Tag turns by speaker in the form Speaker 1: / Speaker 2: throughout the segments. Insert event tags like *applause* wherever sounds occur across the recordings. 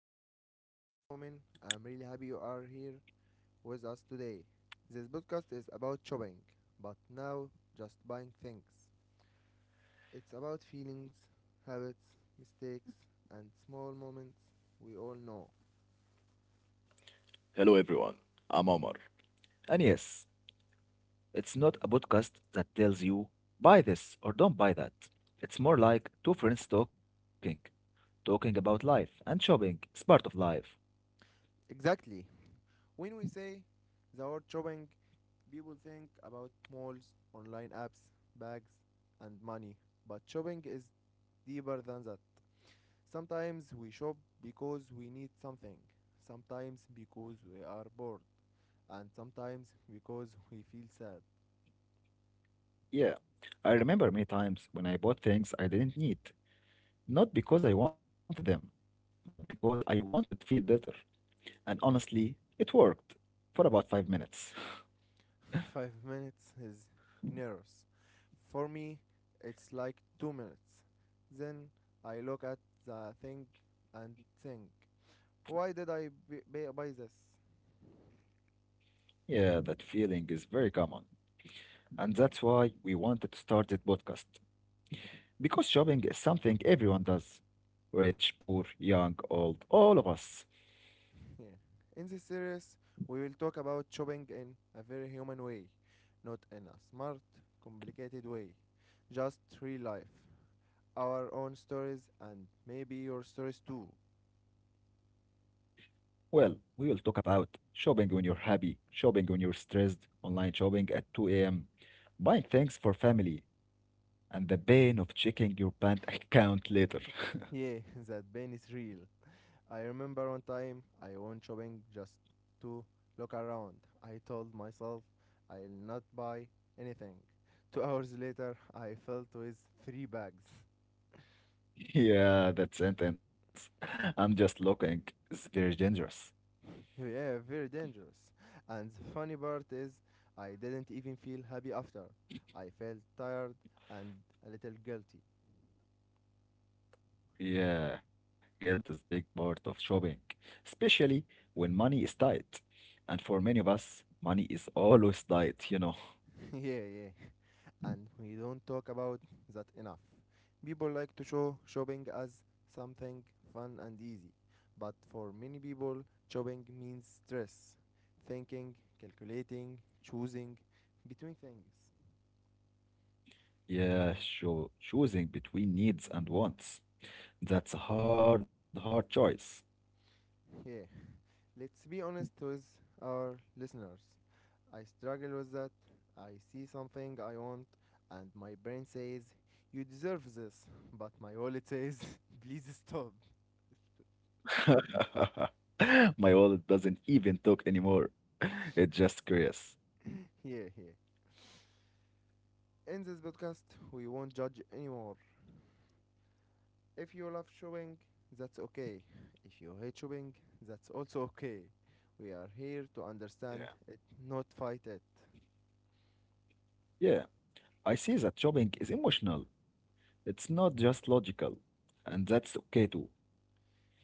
Speaker 1: podcast. My name is Momin. I'm really happy you are here with us today. This podcast is about shopping, but now just buying things. It's about feelings, habits, mistakes, and small moments we all know.
Speaker 2: Hello everyone, I'm Omar. And yes, it's not a podcast that tells you buy this or don't buy that. It's more like two friends talking, about life and shopping is part of life.
Speaker 1: Exactly. When we say the word shopping, people think about malls, online apps, bags, and money. But shopping is deeper than that. Sometimes we shop because we need something, sometimes because we are bored, and sometimes because we feel sad.
Speaker 2: Yeah, I remember many times when I bought things I didn't need, not because I wanted them, but because I wanted to feel better. And honestly, it worked for about 5 minutes. *laughs*
Speaker 1: *laughs* 5 minutes is generous. For me, it's like 2 minutes. Then I look at the thing and think, why did I buy this?
Speaker 2: Yeah, that feeling is very common. And that's why we wanted to start this podcast, because shopping is something everyone does, rich, poor, young, old, all of us.
Speaker 1: *laughs* Yeah. In this series, we will talk about shopping in a very human way, not in a smart, complicated way, just real life. Our own stories and maybe your stories too.
Speaker 2: Well, we will talk about shopping when you're happy, shopping when you're stressed, online shopping at 2 a.m., buying things for family, and the pain of checking your bank account later.
Speaker 1: Yeah, *laughs* that pain is real. I remember one time I went shopping just to look around. I told myself I'll not buy anything. 2 hours later, I felt with three bags.
Speaker 2: *laughs* Yeah, that sentence. *laughs* I'm just looking. It's very dangerous.
Speaker 1: *laughs* Yeah, very dangerous. And the funny part is, I didn't even feel happy after. I felt tired and a little guilty.
Speaker 2: Yeah, guilt is big part of shopping, especially when money is tight. And for many of us, money is always tight, you know.
Speaker 1: *laughs* Yeah, yeah. And we don't talk about that enough. People like to show shopping as something fun and easy, but for many people, shopping means stress, thinking, calculating, choosing between things.
Speaker 2: Yeah, sure. Choosing between needs and wants. That's a hard, hard choice.
Speaker 1: Yeah, let's be honest with our listeners. I struggle with that. I see something I want, and my brain says, you deserve this, but my wallet says, *laughs* please stop.
Speaker 2: *laughs* My wallet doesn't even talk anymore. *laughs* It's just curious.
Speaker 1: *laughs* Yeah, yeah. In this podcast, we won't judge anymore. If you love shopping, that's okay. If you hate shopping, that's also okay. We are here to
Speaker 2: Yeah.
Speaker 1: understand it, not fight it.
Speaker 2: Yeah, I see that shopping is emotional. It's not just logical. And that's okay too.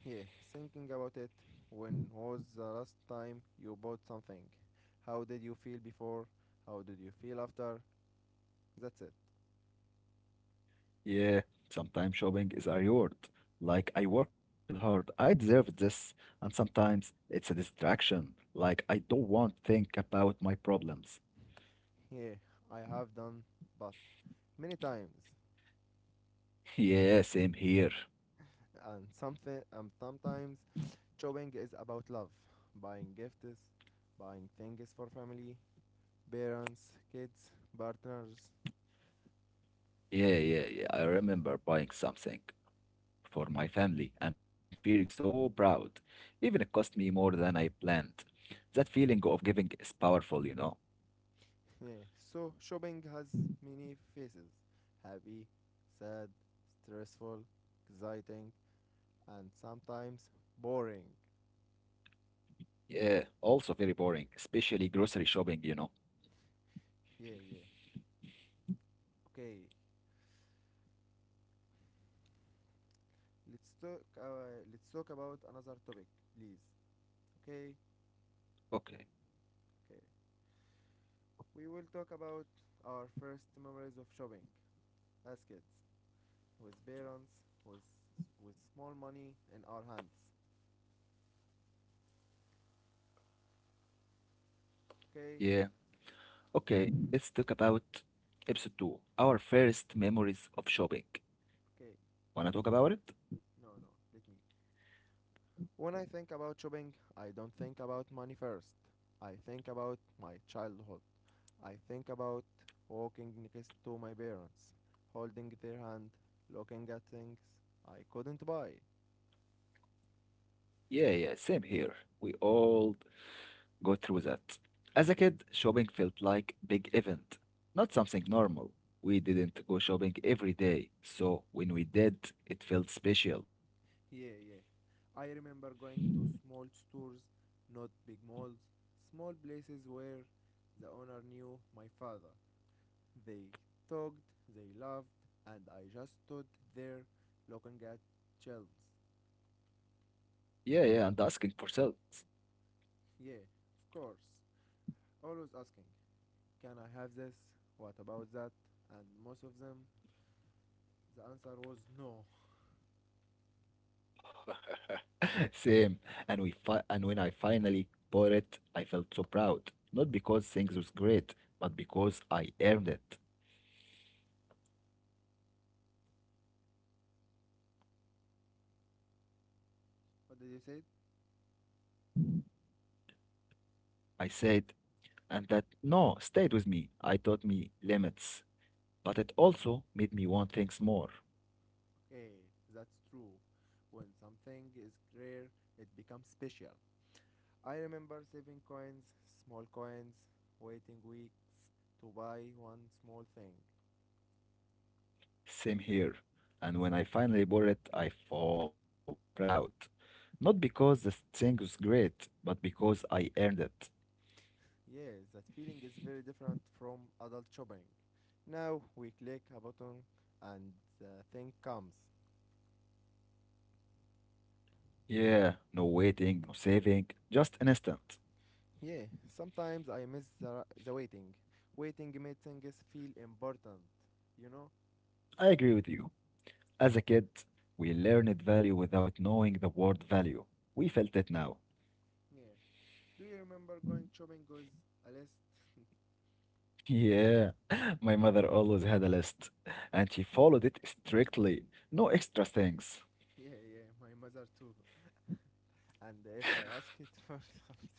Speaker 1: Yeah, thinking about it, when was the last time you bought something? How did you feel before? How did you feel after? That's it.
Speaker 2: Yeah, sometimes shopping is a reward. Like, I worked hard, I deserve this. And sometimes it's a distraction. Like, I don't want to think about my problems.
Speaker 1: Yeah, I have done both many times,
Speaker 2: *laughs* Yeah, same here.
Speaker 1: and sometimes shopping is about love, buying gifts, buying things for family, parents, kids, partners. *laughs*
Speaker 2: Yeah, yeah, yeah. I remember buying something for my family and feeling so proud. Even it cost me more than I planned. That feeling of giving is powerful, you know.
Speaker 1: Yeah. So shopping has many faces, happy, sad, stressful, exciting, and sometimes boring.
Speaker 2: Yeah, also very boring, especially grocery shopping, you know.
Speaker 1: Yeah, yeah. Okay, let's talk. Let's talk about another topic, please. Okay,
Speaker 2: Okay.
Speaker 1: okay. We will talk about our first memories of shopping as kids, with parents, with small money in our hands. Okay?
Speaker 2: Yeah. Okay, let's talk about episode two, our first memories of shopping.
Speaker 1: Okay.
Speaker 2: Wanna talk about it?
Speaker 1: No, no. Let me. When I think about shopping, I don't think about money first. I think about my childhood. I think about walking next to my parents, holding their hand, looking at things I couldn't buy.
Speaker 2: Yeah, yeah, same here. We all go through that. As a kid, shopping felt like big event, not something normal. We didn't go shopping every day, so when we did, it felt special.
Speaker 1: Yeah, yeah. I remember going to small stores, not big malls, small places where the owner knew my father. They talked, they laughed, and I just stood there looking at chills.
Speaker 2: Yeah, yeah, and asking for sales.
Speaker 1: Yeah, of course. Always asking, can I have this? What about that? And most of them, the answer was no.
Speaker 2: *laughs* Same. And when I finally bought it, I felt so proud. Not because things was great, but because I earned it.
Speaker 1: What did you say?
Speaker 2: I said, and that no stayed with me. I taught me limits, but it also made me want things more.
Speaker 1: Okay, that's true. When something is rare, it becomes special. I remember saving coins, small coins, waiting weeks to buy one small thing.
Speaker 2: Same here. And when I finally bought it, I felt proud. Not because the thing was great, but because I earned it.
Speaker 1: Yes, that feeling is very different from adult shopping. Now we click a button and the thing comes.
Speaker 2: Yeah, no waiting, no saving, just an instant.
Speaker 1: Yeah, sometimes I miss the waiting. Waiting makes things feel important, you know?
Speaker 2: I agree with you. As a kid, we learned value without knowing the word value. We felt it now. *laughs*
Speaker 1: Yeah. Do you remember going shopping with a list? *laughs*
Speaker 2: Yeah, *laughs* my mother always had a list, and she followed it strictly. No extra things.
Speaker 1: Yeah, yeah, my mother too. And if I ask it for *laughs* something.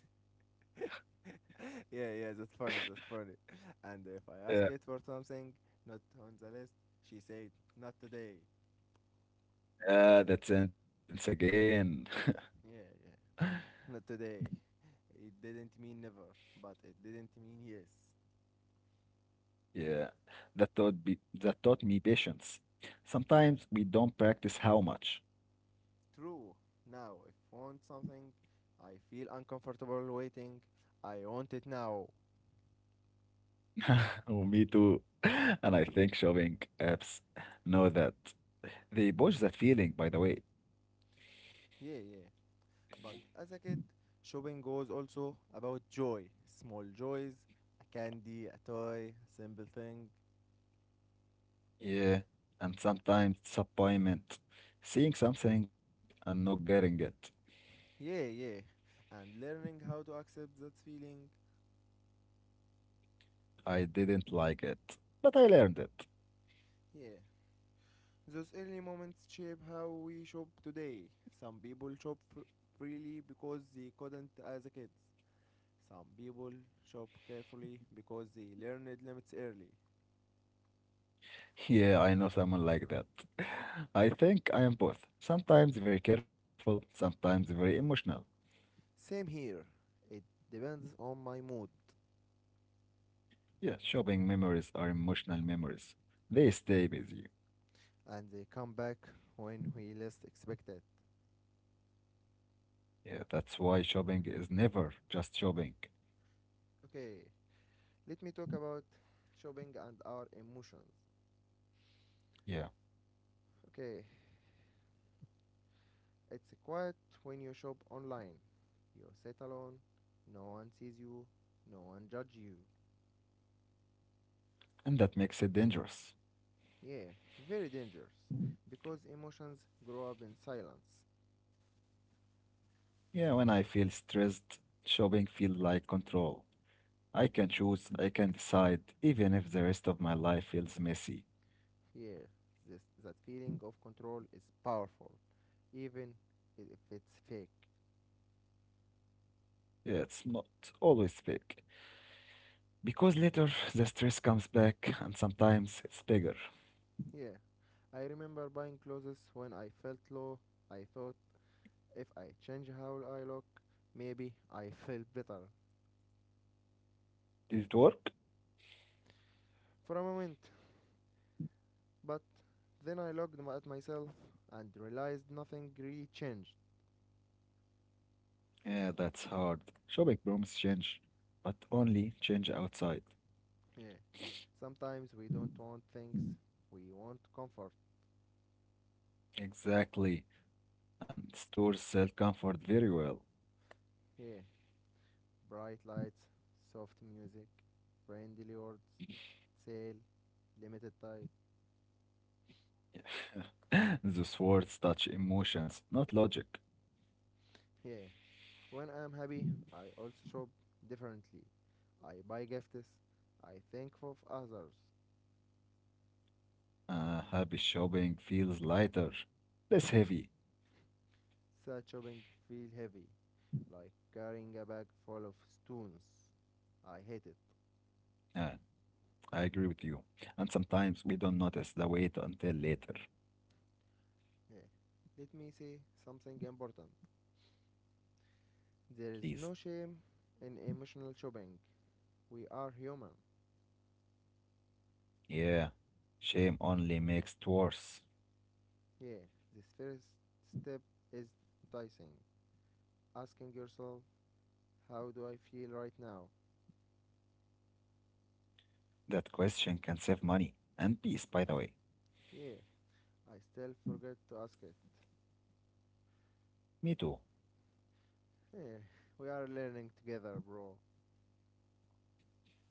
Speaker 1: Yeah, yeah, that's funny, that's funny. And if I ask
Speaker 2: Yeah,
Speaker 1: it for something not on the list, she said, not today.
Speaker 2: yeah, that sentence again.
Speaker 1: Yeah, yeah. Not today. It didn't mean never, but it didn't mean yes.
Speaker 2: Yeah, that taught me patience. Sometimes we don't practice how much.
Speaker 1: True. Now, if I want something, I feel uncomfortable waiting. I want it now.
Speaker 2: *laughs* Oh, me too. *laughs* And I think shopping apps know that. They push that feeling, by the way.
Speaker 1: Yeah, yeah. But as a kid, shopping was also about joy, small joys, a candy, a toy, a simple thing.
Speaker 2: Yeah, and sometimes disappointment. Seeing something and not getting it.
Speaker 1: Yeah, yeah. And learning how to accept that feeling.
Speaker 2: I didn't like it, but I learned it.
Speaker 1: Yeah. Those early moments shape how we shop today. Some people shop freely because they couldn't as a kids. Some people shop carefully because they learn limits early.
Speaker 2: Yeah, I know someone like that. *laughs* I think I am both. Sometimes very careful, sometimes very emotional.
Speaker 1: Same here. It depends on my mood,
Speaker 2: Yeah, shopping memories are emotional memories. They stay with you.
Speaker 1: and they come back when we least expect it.
Speaker 2: Yeah, that's why shopping is never just shopping.
Speaker 1: Okay, let me talk about shopping and our emotions.
Speaker 2: Yeah,
Speaker 1: Okay, it's quiet when you shop online. You sit alone, no one sees you, no one judges you.
Speaker 2: and that makes it dangerous.
Speaker 1: Yeah, very dangerous because emotions grow up in silence.
Speaker 2: Yeah, when I feel stressed, shopping feels like control. I can choose, I can decide, even if the rest of my life feels messy.
Speaker 1: Yeah, this that feeling of control is powerful. Even if it's fake.
Speaker 2: Yeah, it's not always fake. Because later the stress comes back and
Speaker 1: Mm.
Speaker 2: sometimes it's bigger.
Speaker 1: Mm. Yeah, I remember buying clothes when I felt low. I thought if I change how I look, maybe I feel better
Speaker 2: Did it work?
Speaker 1: for a moment. But then I looked at myself and realized nothing really changed.
Speaker 2: Yeah, that's hard. Shopping promises change, but only change outside.
Speaker 1: Yeah, sometimes we don't want things, we want comfort.
Speaker 2: Exactly. And stores sell comfort very well.
Speaker 1: Yeah, bright lights, soft music, friendly words, sale, limited time.
Speaker 2: *laughs* Those words touch emotions, not logic.
Speaker 1: Yeah, when I am happy, I also shop differently. I buy gifts. I think of others.
Speaker 2: Happy shopping feels lighter, less heavy.
Speaker 1: Such shopping feel heavy, like carrying a bag full of stones. I hate it.
Speaker 2: Uh, I agree with you. And sometimes we don't notice the weight until later.
Speaker 1: Yeah. Let me say something important. There
Speaker 2: Please.
Speaker 1: is no shame in emotional shopping. We are human.
Speaker 2: Yeah. Shame only makes it worse.
Speaker 1: Yeah. This first step is enticing. Asking yourself, how do I feel right now?
Speaker 2: That question can save money and peace, by the way.
Speaker 1: Yeah. I still forget to ask it.
Speaker 2: Me too.
Speaker 1: Yeah, we are learning together, bro.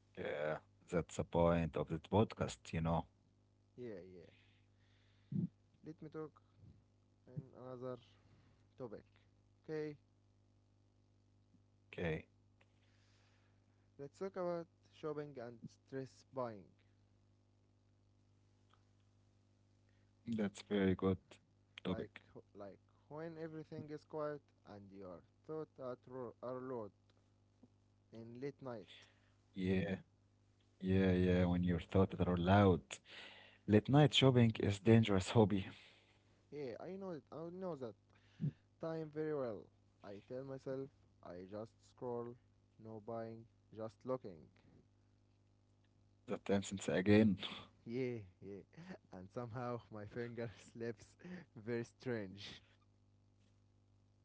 Speaker 2: Yeah. That's the point of that podcast, you know.
Speaker 1: Yeah, yeah. Let me talk in another topic. Okay,
Speaker 2: Okay.
Speaker 1: let's talk about shopping and stress buying.
Speaker 2: That's very good
Speaker 1: Like,
Speaker 2: topic.
Speaker 1: like, when everything is quiet and your thoughts are loud and late night.
Speaker 2: Yeah. Yeah, yeah. When your thoughts are loud. Late night shopping is dangerous hobby.
Speaker 1: Yeah, I know it. I know that time very well. I tell myself I just scroll, no buying, just looking.
Speaker 2: *laughs* That instance again.
Speaker 1: Yeah, yeah. *laughs* And somehow my finger *laughs* slips *laughs* very strange.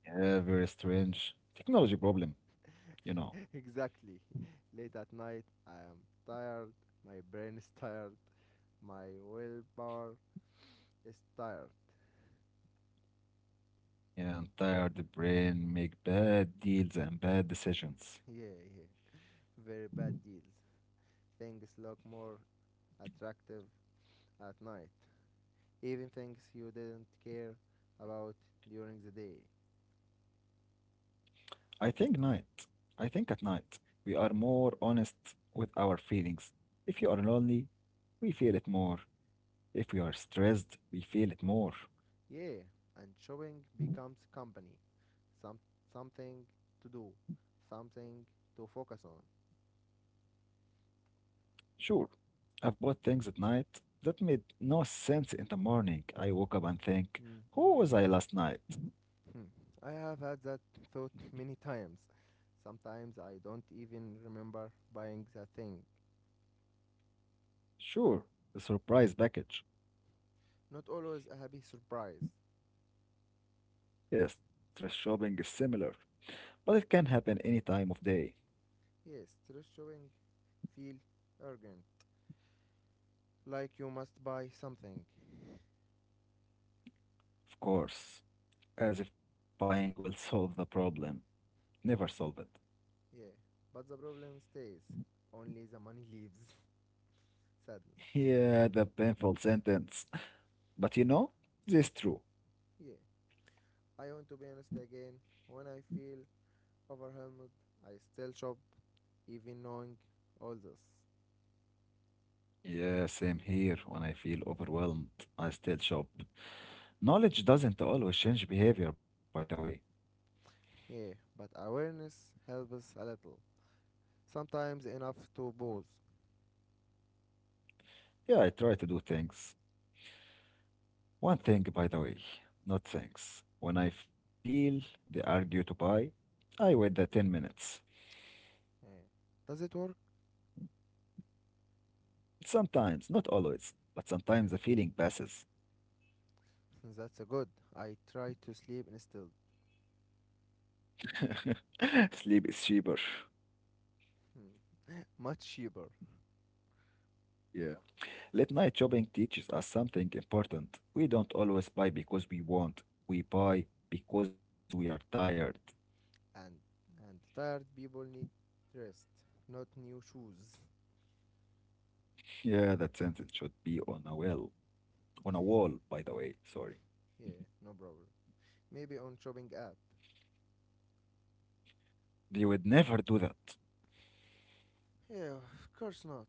Speaker 2: Yeah, very strange. Technology problem, you know.
Speaker 1: *laughs* Exactly. *laughs* Late at night, I am tired. My brain is tired. My willpower is tired.
Speaker 2: And tired brain make bad deals and bad
Speaker 1: *laughs*
Speaker 2: decisions.
Speaker 1: Yeah, yeah. Very bad deals. Things look more attractive at night. Even things you didn't care about during the day.
Speaker 2: I think night. I think at night we are more honest with our feelings. If you are lonely, we feel it more. If we are stressed, we feel it more.
Speaker 1: Yeah, and shopping becomes company. Some something to do, something to focus on.
Speaker 2: Sure, I've bought things at night that made no sense in the morning. I woke up and think,
Speaker 1: Mm-hmm.
Speaker 2: who was I last night?
Speaker 1: Hmm. I have had that thought many times. Sometimes I don't even remember buying the thing.
Speaker 2: Sure, the surprise package.
Speaker 1: Not always a happy surprise.
Speaker 2: Yes, stress shopping is similar, but it can happen any time of day,
Speaker 1: Yes, stress showing feel urgent, like you must buy something.
Speaker 2: of course. As if buying will solve the problem. Never solve it. *laughs*
Speaker 1: Yeah, but the problem stays. Only the money leaves. *laughs* Sadness.
Speaker 2: Yeah, the painful sentence. But you know, this is true.
Speaker 1: Yeah, I want to be honest again. When I feel overwhelmed, I still shop, even knowing all this.
Speaker 2: Yeah, same here. When I feel overwhelmed, I still shop. Knowledge doesn't always change behavior, by the way.
Speaker 1: Yeah, but awareness helps us a little. Sometimes enough to pause.
Speaker 2: Yeah, I try to do things. One thing, by the way, not things. When I feel the urge to buy, I wait the 10 minutes.
Speaker 1: Eh, Does it work?
Speaker 2: Sometimes, not always, but sometimes the feeling passes.
Speaker 1: *laughs* That's a good. I try to sleep instead.
Speaker 2: *laughs* Sleep is cheaper.
Speaker 1: Hmm. Much cheaper.
Speaker 2: Yeah. Late night shopping teaches us something important. We don't always buy because we want, we buy because we are tired.
Speaker 1: And and tired people need rest, not new shoes. *laughs*
Speaker 2: *laughs* Yeah, that sentence should be on a well, on a wall, by the way, sorry.
Speaker 1: Yeah, no problem. Maybe on shopping app.
Speaker 2: They would never do that.
Speaker 1: Yeah, of course not.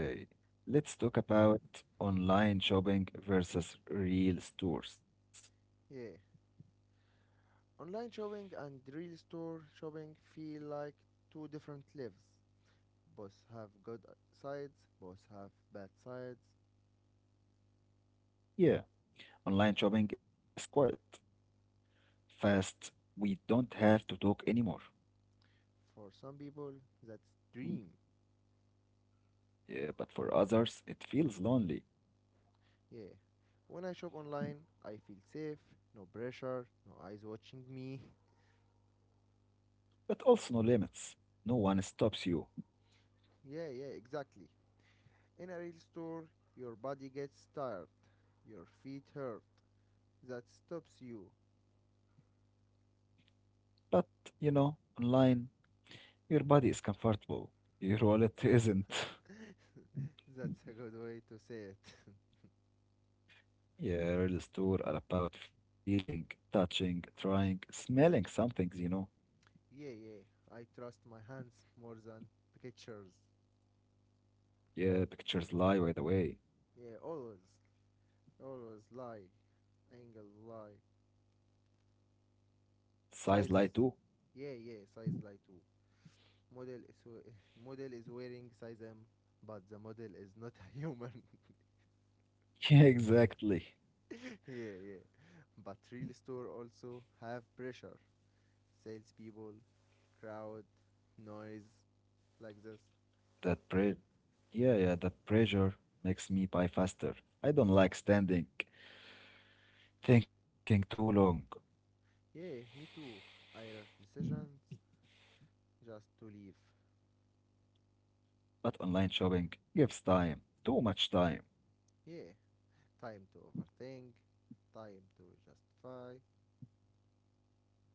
Speaker 1: Li-
Speaker 2: let's talk about online shopping versus real stores.
Speaker 1: yeah, online shopping and real store shopping feel like two different lives. Both have good sides, both have bad sides.
Speaker 2: Yeah, online shopping is quiet, fast. We don't have to talk anymore.
Speaker 1: For some people, that's dream.
Speaker 2: Yeah, but for others, it feels lonely,
Speaker 1: Yeah. When I shop online, I feel safe, no pressure, no eyes watching me. *laughs*
Speaker 2: but also no limits. No one stops you.
Speaker 1: Yeah, yeah, exactly. In a real store, your body gets tired, your feet hurt. That stops you.
Speaker 2: But you know, online, your body is comfortable, your wallet isn't. *laughs*
Speaker 1: *laughs* That's a good way to say it.
Speaker 2: Yeah, real store are about feeling, touching, trying, smelling some things, you know.
Speaker 1: *laughs* Yeah, yeah, I trust my hands more than pictures.
Speaker 2: Yeah, pictures lie by the way.
Speaker 1: Yeah, always, always lie, angle lie,
Speaker 2: Size lie too.
Speaker 1: sizes. Yeah, yeah, size lie too. *laughs* Model is wearing size M, but the model is not a human.
Speaker 2: *laughs* Yeah, exactly.
Speaker 1: *laughs* Yeah, yeah. But real store also have pressure, salespeople, crowd, noise, like this.
Speaker 2: That pre yeah, yeah, that pressure makes me buy faster. I don't like standing, thinking too long.
Speaker 1: Yeah, me too. Irish decisions just to leave.
Speaker 2: But online shopping gives time, too much time.
Speaker 1: Yeah, time to overthink, time to justify.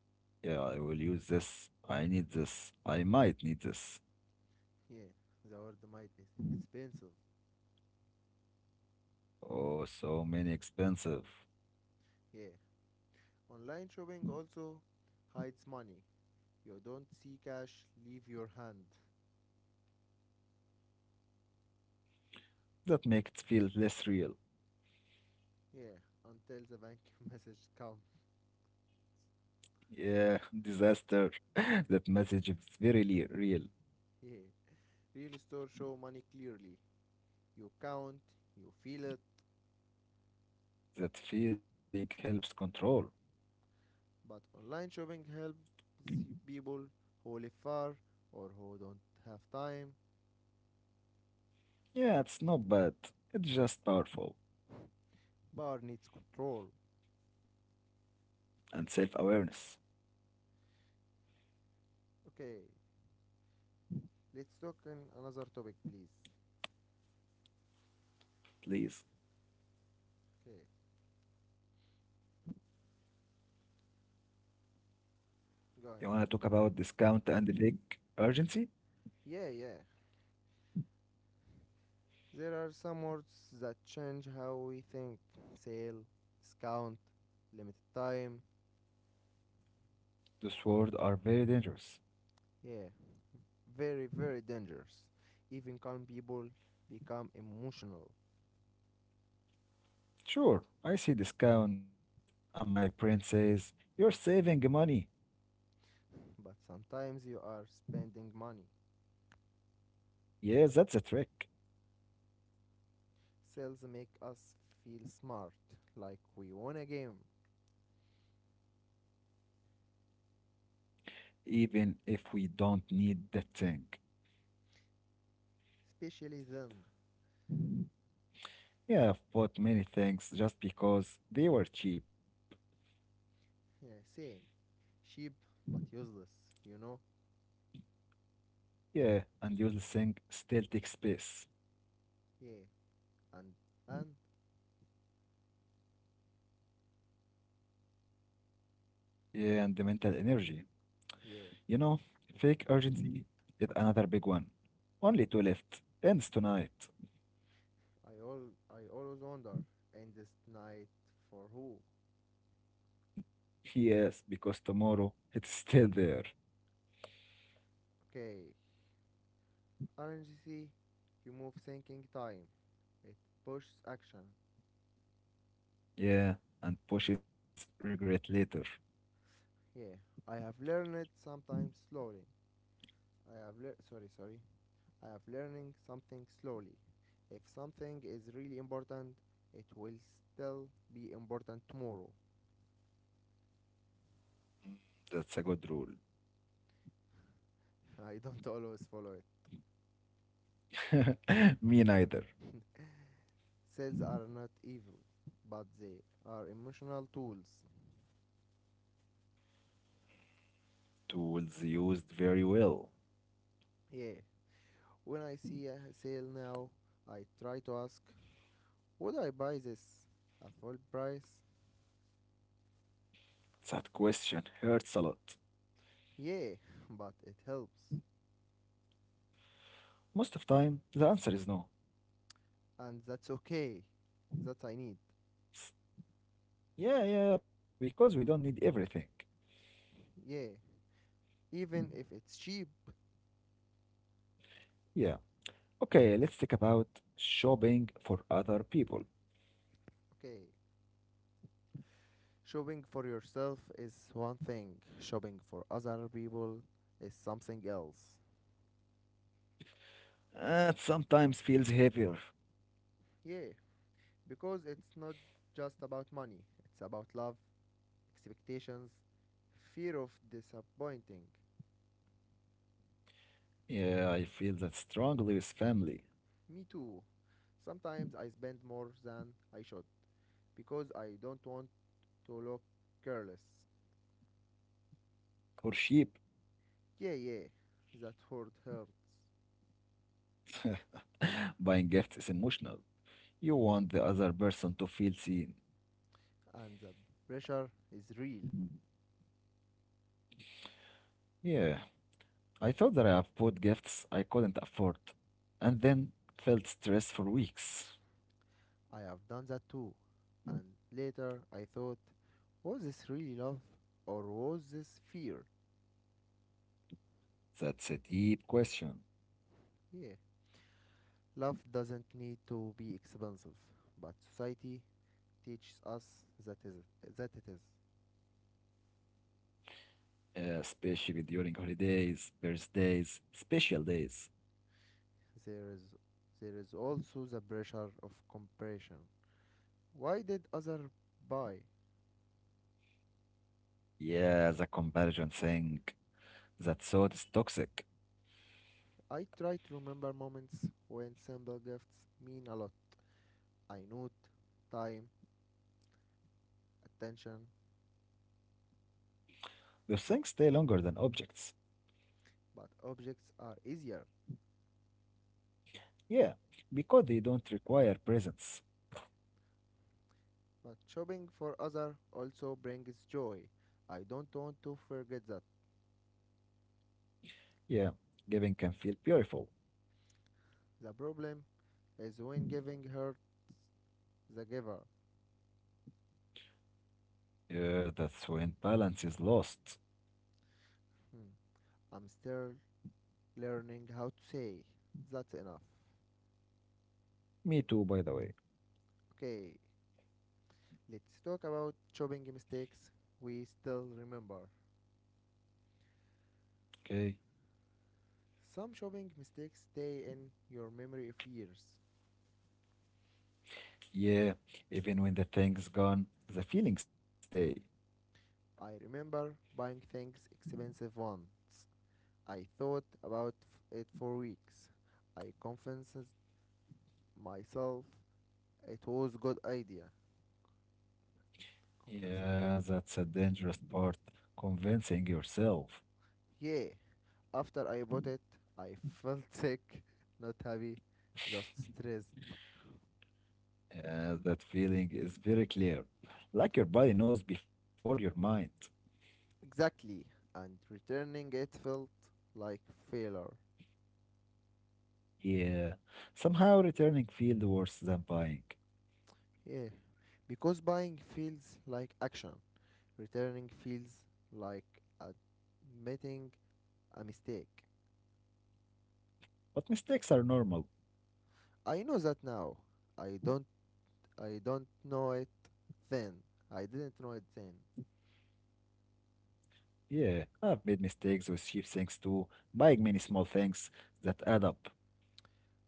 Speaker 2: Yeah, I will use this. I need this. I might need this.
Speaker 1: Yeah, the word might is expensive.
Speaker 2: Oh, so many expensive.
Speaker 1: Yeah, online shopping also hides money. You don't see cash, leave your hand.
Speaker 2: That make it feel less real.
Speaker 1: Yeah, until the bank *laughs* message come.
Speaker 2: Yeah, *laughs* disaster. *laughs* That message is very real.
Speaker 1: Yeah. Real store show money clearly. You count, you feel it.
Speaker 2: That feeling helps control.
Speaker 1: But online shopping helps people who live far or who don't have time.
Speaker 2: Yeah, it's not bad. It's just powerful
Speaker 1: Bar needs control.
Speaker 2: and self-awareness.
Speaker 1: Okay, let's talk in another topic, please.
Speaker 2: Please,
Speaker 1: Okay,
Speaker 2: you
Speaker 1: go
Speaker 2: wanna
Speaker 1: ahead.
Speaker 2: talk about discount and the big urgency?
Speaker 1: Yeah, yeah. There are some words that change how we think. Sale, discount, limited time.
Speaker 2: Those words are very dangerous.
Speaker 1: Yeah, very very dangerous. Even calm people become emotional,
Speaker 2: Sure, I see discount, and my brain says, "You're saving money."
Speaker 1: but sometimes you are spending money.
Speaker 2: Yeah, that's a trick
Speaker 1: Sales make us feel smart, like we won a game,
Speaker 2: even if we don't need that thing.
Speaker 1: especially them.
Speaker 2: Yeah, I've bought many things just because they were cheap.
Speaker 1: Yeah, same. Cheap but useless, you know.
Speaker 2: Yeah, and useless thing still takes space.
Speaker 1: Yeah, and and
Speaker 2: Yeah, and the mental energy.
Speaker 1: yeah,
Speaker 2: You know, fake urgency is another big one. Only two left. Ends tonight.
Speaker 1: I always wonder. End this night for who?
Speaker 2: Yes, because tomorrow it's *laughs* still there.
Speaker 1: Okay, rngc, remove thinking time, it pushes action.
Speaker 2: Yeah, and pushes regret later.
Speaker 1: Yeah, I have learned it sometimes slowly. I have lear sorry, sorry. I have learning something slowly. If something is really important, it will still be important tomorrow.
Speaker 2: That's a good rule.
Speaker 1: *laughs* I don't always follow it.
Speaker 2: *laughs* Me neither.
Speaker 1: Sales are not evil, but they are emotional tools.
Speaker 2: Tools used very well.
Speaker 1: Yeah, when I see a sale now, I try to ask, would I buy this at full price?
Speaker 2: That question hurts a lot.
Speaker 1: Yeah, *laughs* but it helps.
Speaker 2: Most of time, the answer is no.
Speaker 1: And that's okay. That I need.
Speaker 2: Yeah, yeah, yeah, because we don't need everything.
Speaker 1: Yeah, even if it's cheap.
Speaker 2: Yeah. Okay, let's talk about shopping for other people.
Speaker 1: Okay, shopping for yourself is one thing, shopping for other people is something else.
Speaker 2: That sometimes feels heavier.
Speaker 1: Yeah, because it's not just about money, it's about love, expectations, fear of disappointing.
Speaker 2: Yeah, I feel that strongly with family
Speaker 1: Me too. Sometimes I spend more than I should because I don't want to look careless.
Speaker 2: or sheep.
Speaker 1: Yeah, yeah, that word hurts,
Speaker 2: *laughs* Buying gifts is emotional. You want the other person to feel seen.
Speaker 1: and the pressure is real.
Speaker 2: Yeah, I thought that I have bought gifts I couldn't afford, and then felt stressed for weeks.
Speaker 1: I have done that too. And later I thought, was this really love or was this fear?
Speaker 2: That's a deep question.
Speaker 1: Yeah. Love doesn't need to be expensive, but society teaches us that is that it is.
Speaker 2: Especially during holidays, birthdays, special days.
Speaker 1: There is there is also the pressure of comparison. Why did other buy?
Speaker 2: Yeah, the comparison thing. That thought is toxic.
Speaker 1: I try to remember moments when simple gifts mean a lot. I note time, attention,
Speaker 2: The things stay longer than objects.
Speaker 1: but objects are easier.
Speaker 2: Yeah, because they don't require presence.
Speaker 1: But shopping for others also brings joy. I don't want to forget that.
Speaker 2: Yeah, giving can feel beautiful.
Speaker 1: The problem is when giving her the giver.
Speaker 2: Yeah, that's when balance is lost.
Speaker 1: Hmm, I'm still learning how to say. That's enough.
Speaker 2: Me too, by the way.
Speaker 1: Okay, let's talk about shopping mistakes we still remember.
Speaker 2: Okay.
Speaker 1: Some shopping mistakes stay in your memory of years.
Speaker 2: Yeah, even when the thing's gone, the feelings stay.
Speaker 1: I remember buying things expensive once. I thought about it for weeks. I convinced myself it was good idea, confessed.
Speaker 2: Yeah, that's a dangerous part. Convincing yourself.
Speaker 1: Yeah, after I bought it, I felt sick, *laughs* not happy, just stressed.
Speaker 2: Yeah, that feeling is very clear. Like your body knows before your mind.
Speaker 1: Exactly, and returning it felt like failure.
Speaker 2: Yeah. Somehow returning feels worse than buying.
Speaker 1: Yeah, because buying feels like action, returning feels like admitting a mistake.
Speaker 2: But mistakes are normal.
Speaker 1: I know that now. I don't I don't know it then. I didn't know it then.
Speaker 2: Yeah, I've made mistakes with cheap things too, buying many small things that add up.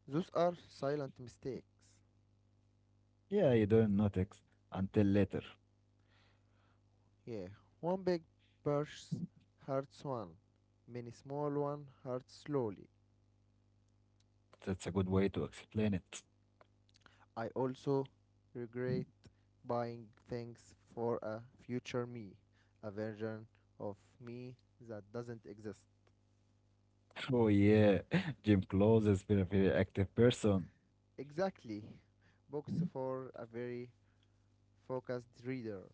Speaker 1: Those are silent mistakes.
Speaker 2: Yeah, you don't notice until later.
Speaker 1: Yeah, one big burst hurts one, many small one hurt slowly.
Speaker 2: That's a good way to explain it. *laughs*
Speaker 1: I also regret buying things for a future me, a version of me that doesn't exist.
Speaker 2: Oh yeah, *laughs* gym clothes is very very active person.
Speaker 1: Exactly, books for a very focused reader.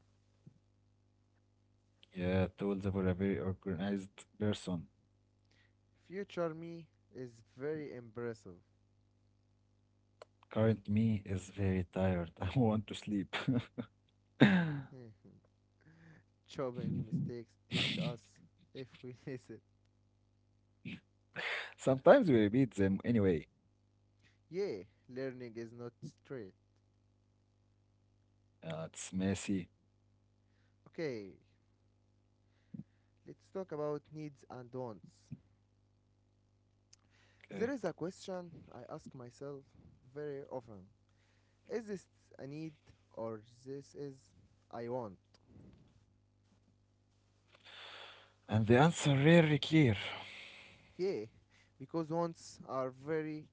Speaker 2: Yeah, tools for a very organized person.
Speaker 1: Future me is very impressive. *laughs*
Speaker 2: Current me is very tired. *laughs* I want to sleep. *laughs*
Speaker 1: Chopping mistakes teach us if we *laughs* listen.
Speaker 2: Sometimes we repeat them anyway.
Speaker 1: Yeah, learning is not straight.
Speaker 2: It's messy.
Speaker 1: Okay, let's talk about needs and wants.
Speaker 2: Okay.
Speaker 1: There is a question I ask myself very often. Is this a need or this is I want?
Speaker 2: And the answer rarely clear,
Speaker 1: Yeah, because wants are very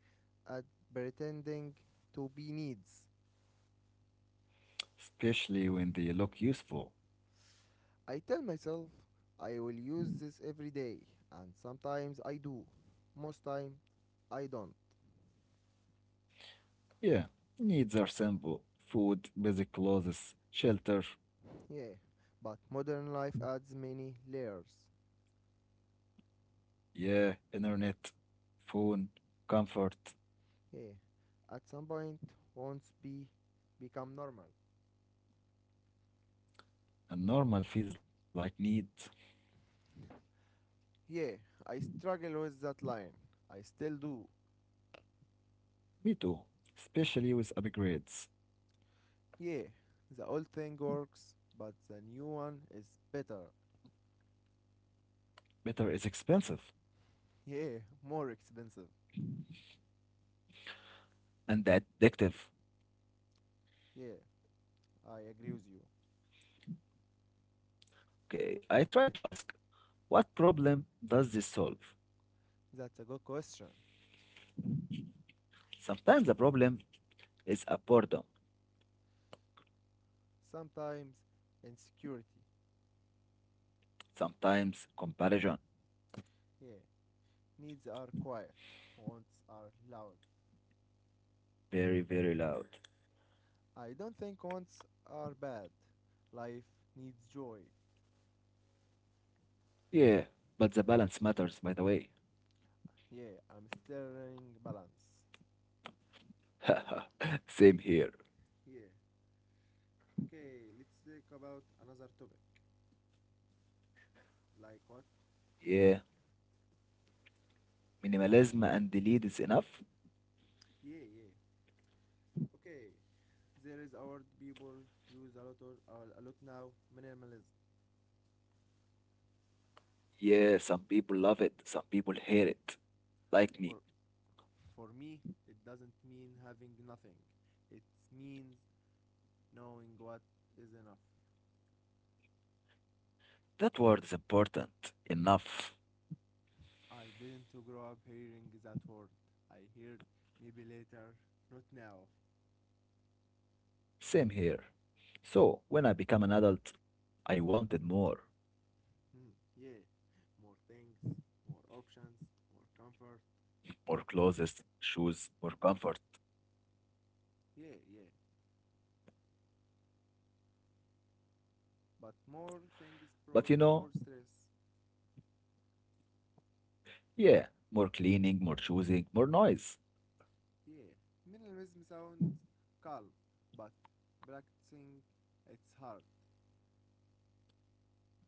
Speaker 1: at pretending to be needs.
Speaker 2: especially when they look useful.
Speaker 1: I tell myself I will use this every day and sometimes I do. Most time I don't.
Speaker 2: Yeah, needs are simple. Food, basic clothes, shelter,
Speaker 1: Yeah, but modern life adds many layers.
Speaker 2: yeah, internet, phone, comfort.
Speaker 1: Yeah, at some point, wants be become normal.
Speaker 2: And normal feels like need.
Speaker 1: Yeah, I struggle with that line. I still do.
Speaker 2: Me too. Especially with upgrades.
Speaker 1: Yeah, the old thing works, but the new one is better.
Speaker 2: Better is expensive
Speaker 1: Yeah, more expensive.
Speaker 2: and addictive.
Speaker 1: Yeah, I agree with you.
Speaker 2: Okay, I try to ask, what problem does this solve?
Speaker 1: That's a good question.
Speaker 2: Sometimes the problem is a boredom,
Speaker 1: Sometimes insecurity.
Speaker 2: sometimes comparison,
Speaker 1: Yeah, needs are quiet, wants are loud.
Speaker 2: very, very loud.
Speaker 1: I don't think wants are bad. Life needs joy.
Speaker 2: Yeah, but the balance matters, by the way.
Speaker 1: Yeah, I'm still learning balance.
Speaker 2: *laughs* Same here.
Speaker 1: Yeah, okay, let's talk about another topic. Like what?
Speaker 2: Yeah, minimalism and delete is enough.
Speaker 1: Yeah, yeah. Okay, there is a word people use a lot or a lot now minimalism.
Speaker 2: Yeah, some people love it, some people hate it, like
Speaker 1: For
Speaker 2: me.
Speaker 1: for me, it doesn't mean having nothing. It means knowing what is enough.
Speaker 2: That word is important, enough.
Speaker 1: I didn't grow up hearing that word. I heard maybe later, not now.
Speaker 2: Same here. So, when I become an adult, I wanted more.
Speaker 1: Yeah, more things, more options, more comfort.
Speaker 2: More
Speaker 1: But
Speaker 2: clothes, shoes, more comfort.
Speaker 1: yeah, yeah, but more things
Speaker 2: But
Speaker 1: brought
Speaker 2: you know,
Speaker 1: more stress.
Speaker 2: yeah, more cleaning, more choosing, more noise.
Speaker 1: Yeah, minimalism sounds calm, but practicing it's hard.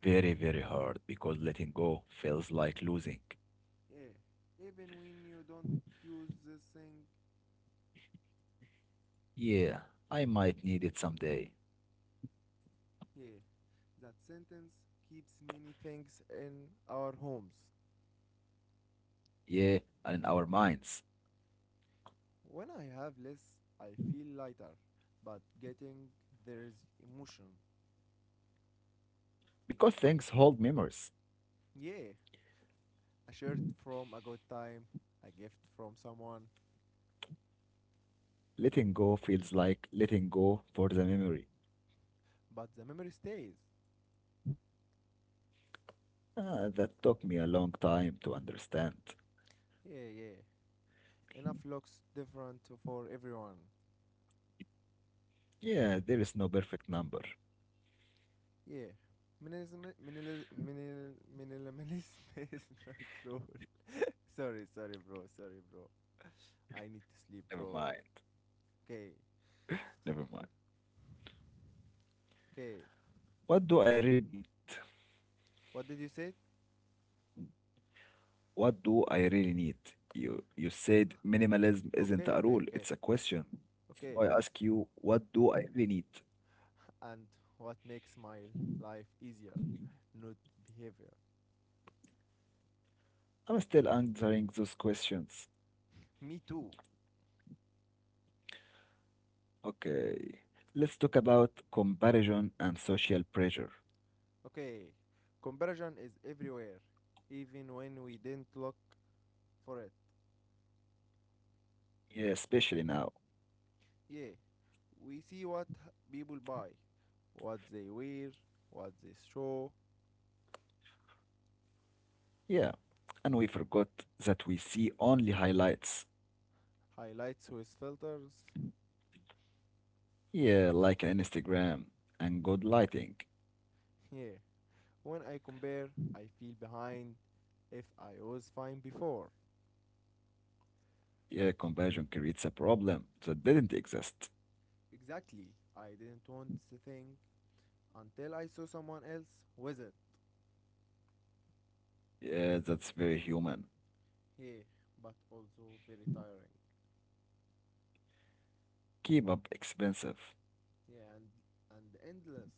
Speaker 2: Very, very hard because letting go feels like losing.
Speaker 1: Yeah, even when you don't use this thing,
Speaker 2: Yeah, I might need it someday.
Speaker 1: yeah, that sentence keeps many things in our homes.
Speaker 2: Yeah, and in our minds.
Speaker 1: When I have less, I feel lighter, but getting there is emotion.
Speaker 2: Because things hold memories.
Speaker 1: Yeah, a shirt from a good time, a gift from someone,
Speaker 2: Letting go feels like letting go for the memory.
Speaker 1: but the memory stays.
Speaker 2: Ah, that took me a long time to understand.
Speaker 1: Yeah, yeah. Enough looks different for everyone.
Speaker 2: Yeah, there is no perfect number.
Speaker 1: Yeah. Minimalism, minil, minil, minimalism *laughs* is not true. *laughs* Sorry, sorry, bro. Sorry, bro. I need to sleep,
Speaker 2: Never
Speaker 1: bro.
Speaker 2: mind.
Speaker 1: Okay,
Speaker 2: Never mind.
Speaker 1: okay.
Speaker 2: What do I really need?
Speaker 1: What did you say?
Speaker 2: What do I really need? You said minimalism isn't
Speaker 1: Okay,
Speaker 2: a rule,
Speaker 1: okay, okay,
Speaker 2: it's a question. So
Speaker 1: okay.
Speaker 2: I ask you, what do I really need?
Speaker 1: And what makes my life easier? Not behavior.
Speaker 2: I'm still answering those questions.
Speaker 1: Me too.
Speaker 2: Okay, let's talk about comparison and social pressure.
Speaker 1: Okay. Comparison is everywhere, even when we didn't look for it.
Speaker 2: Yeah, especially now.
Speaker 1: Yeah, we see what h- people buy, what they wear, what they show.
Speaker 2: Yeah, and we forgot that we see only highlights.
Speaker 1: Highlights with filters.
Speaker 2: Yeah, like Instagram and good lighting.
Speaker 1: Yeah, when I compare, I feel behind if I was fine before.
Speaker 2: Yeah, comparison creates a problem that didn't exist.
Speaker 1: Exactly, I didn't want the thing until I saw someone else with it.
Speaker 2: Yeah, that's very human.
Speaker 1: Yeah, but also very tiring.
Speaker 2: Keep up expensive.
Speaker 1: Yeah, and endless.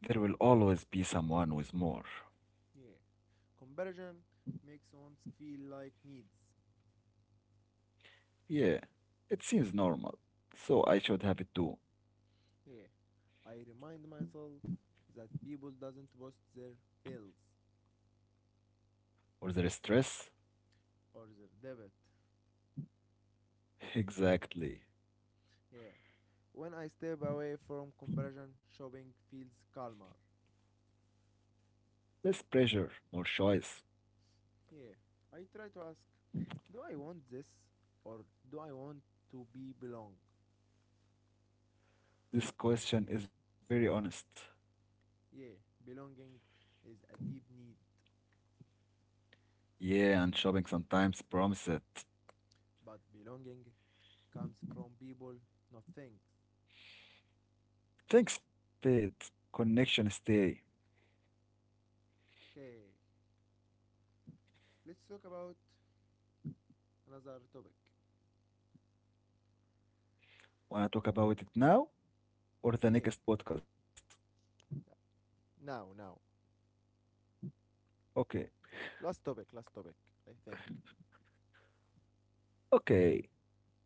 Speaker 2: There will always be someone with more.
Speaker 1: Yeah, comparison makes one feel like needs.
Speaker 2: Yeah, it seems normal. So I should have it too.
Speaker 1: Yeah, I remind myself that people doesn't post their bills
Speaker 2: Or there is stress?
Speaker 1: or their debit.
Speaker 2: *laughs* Exactly.
Speaker 1: Yeah, when I step away from comparison, shopping feels calmer.
Speaker 2: Less pressure, more choice.
Speaker 1: Yeah, I try to ask, do I want this or do I want to be belong?
Speaker 2: This question is very honest.
Speaker 1: Yeah, belonging is a deep need,
Speaker 2: Yeah, and shopping sometimes promises it.
Speaker 1: but belonging comes from people, not things.
Speaker 2: Thanks, Fade. Connection stay.
Speaker 1: Okay, let's talk about another topic.
Speaker 2: Wanna talk about it now or the
Speaker 1: Yeah,
Speaker 2: next podcast?
Speaker 1: now, now,
Speaker 2: Okay.
Speaker 1: last topic, last topic, I think.
Speaker 2: Okay,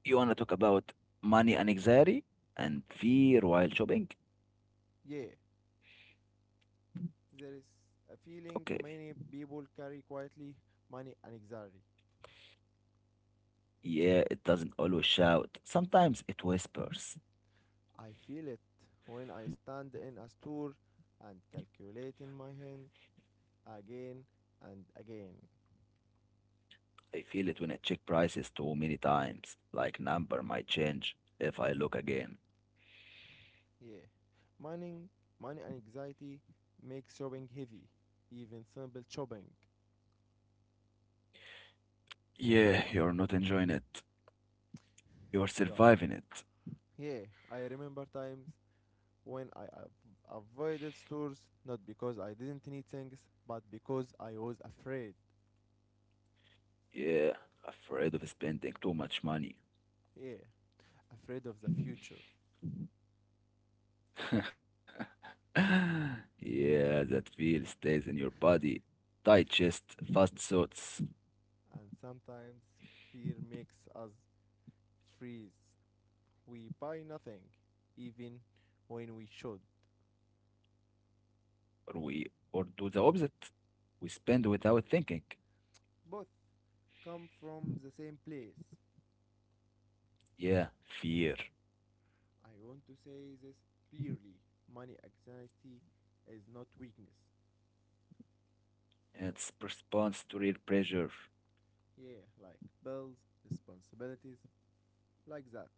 Speaker 2: you wanna talk about money and anxiety and fear while shopping?
Speaker 1: Yeah, there is a feeling
Speaker 2: Okay.
Speaker 1: many people carry quietly money and anxiety.
Speaker 2: Yeah, it doesn't always shout. Sometimes it whispers.
Speaker 1: I feel it when I stand in a store and calculate in my hand again and again.
Speaker 2: I feel it when I check prices too many times, like number might change if I look again.
Speaker 1: Yeah, money, money and anxiety make shopping heavy, even simple shopping.
Speaker 2: Yeah, you're not enjoying it. You're
Speaker 1: Yeah,
Speaker 2: surviving it.
Speaker 1: yeah, I remember times when avoided stores not because I didn't need things, but because I was afraid.
Speaker 2: Yeah, afraid of spending too much money.
Speaker 1: Yeah, afraid of the future.
Speaker 2: *laughs* Yeah, that feel stays in your body. Digest fast thoughts,
Speaker 1: And sometimes fear makes us freeze. We buy nothing, even when we should.
Speaker 2: or we or do the opposite. We spend without thinking.
Speaker 1: Both come from the same place.
Speaker 2: Yeah, fear.
Speaker 1: I want to say this clearly. Money anxiety is not weakness.
Speaker 2: It's response to real pressure.
Speaker 1: Yeah, like bills, responsibilities, like that.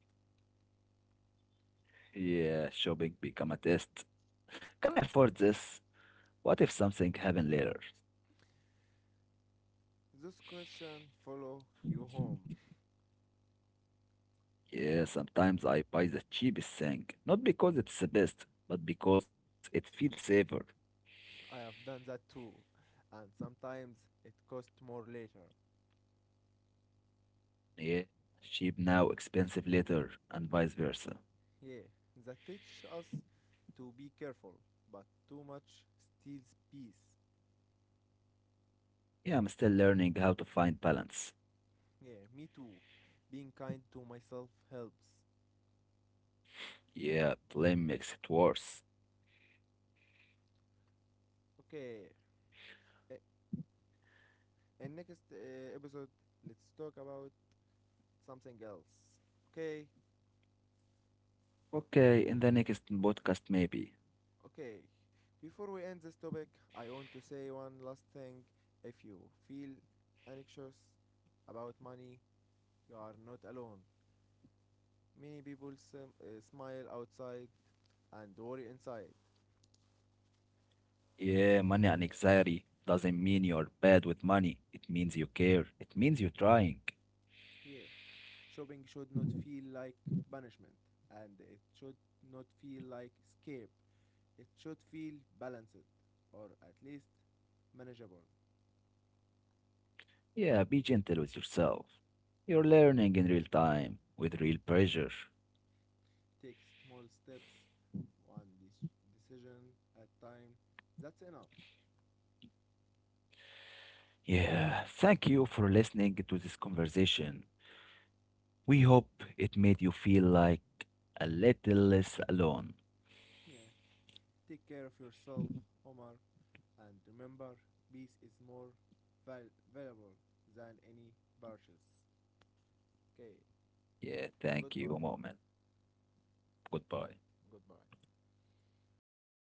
Speaker 2: Yeah, shopping become a test. Can I afford this? What if something happen later?
Speaker 1: This question follow you home.
Speaker 2: Yeah, sometimes I buy the cheapest thing, not because it's the best, but because it feels safer.
Speaker 1: I have done that too, and sometimes it costs more later.
Speaker 2: Yeah, cheap now, expensive later, and vice versa.
Speaker 1: Yeah, that teaches us to be careful, but too much steals peace.
Speaker 2: Yeah, I'm still learning how to find balance.
Speaker 1: Yeah, me too. Being kind to myself helps.
Speaker 2: Yeah, blame makes it worse.
Speaker 1: Okay, eh, in next episode, let's talk about something else. Okay.
Speaker 2: Okay, in the next podcast maybe.
Speaker 1: Okay, before we end this topic, I want to say one last thing. If you feel anxious about money, you are not alone. Many people smile outside and worry inside.
Speaker 2: Yeah, money and anxiety doesn't mean you're bad with money. It means you care. It means you're trying.
Speaker 1: Yeah, shopping should not feel like punishment and it should not feel like escape. It should feel balanced or at least manageable.
Speaker 2: Yeah, be gentle with yourself. You're learning in real time with real pressure.
Speaker 1: Take small steps, one decision at time. That's enough.
Speaker 2: Yeah, thank you for listening to this conversation. We hope it made you feel like a little less alone.
Speaker 1: Yeah. Take care of yourself, Omar, and remember, peace is more valuable than any purchase. Okay.
Speaker 2: Yeah, thank you. A
Speaker 1: Goodbye.
Speaker 2: moment. Goodbye.
Speaker 1: Goodbye.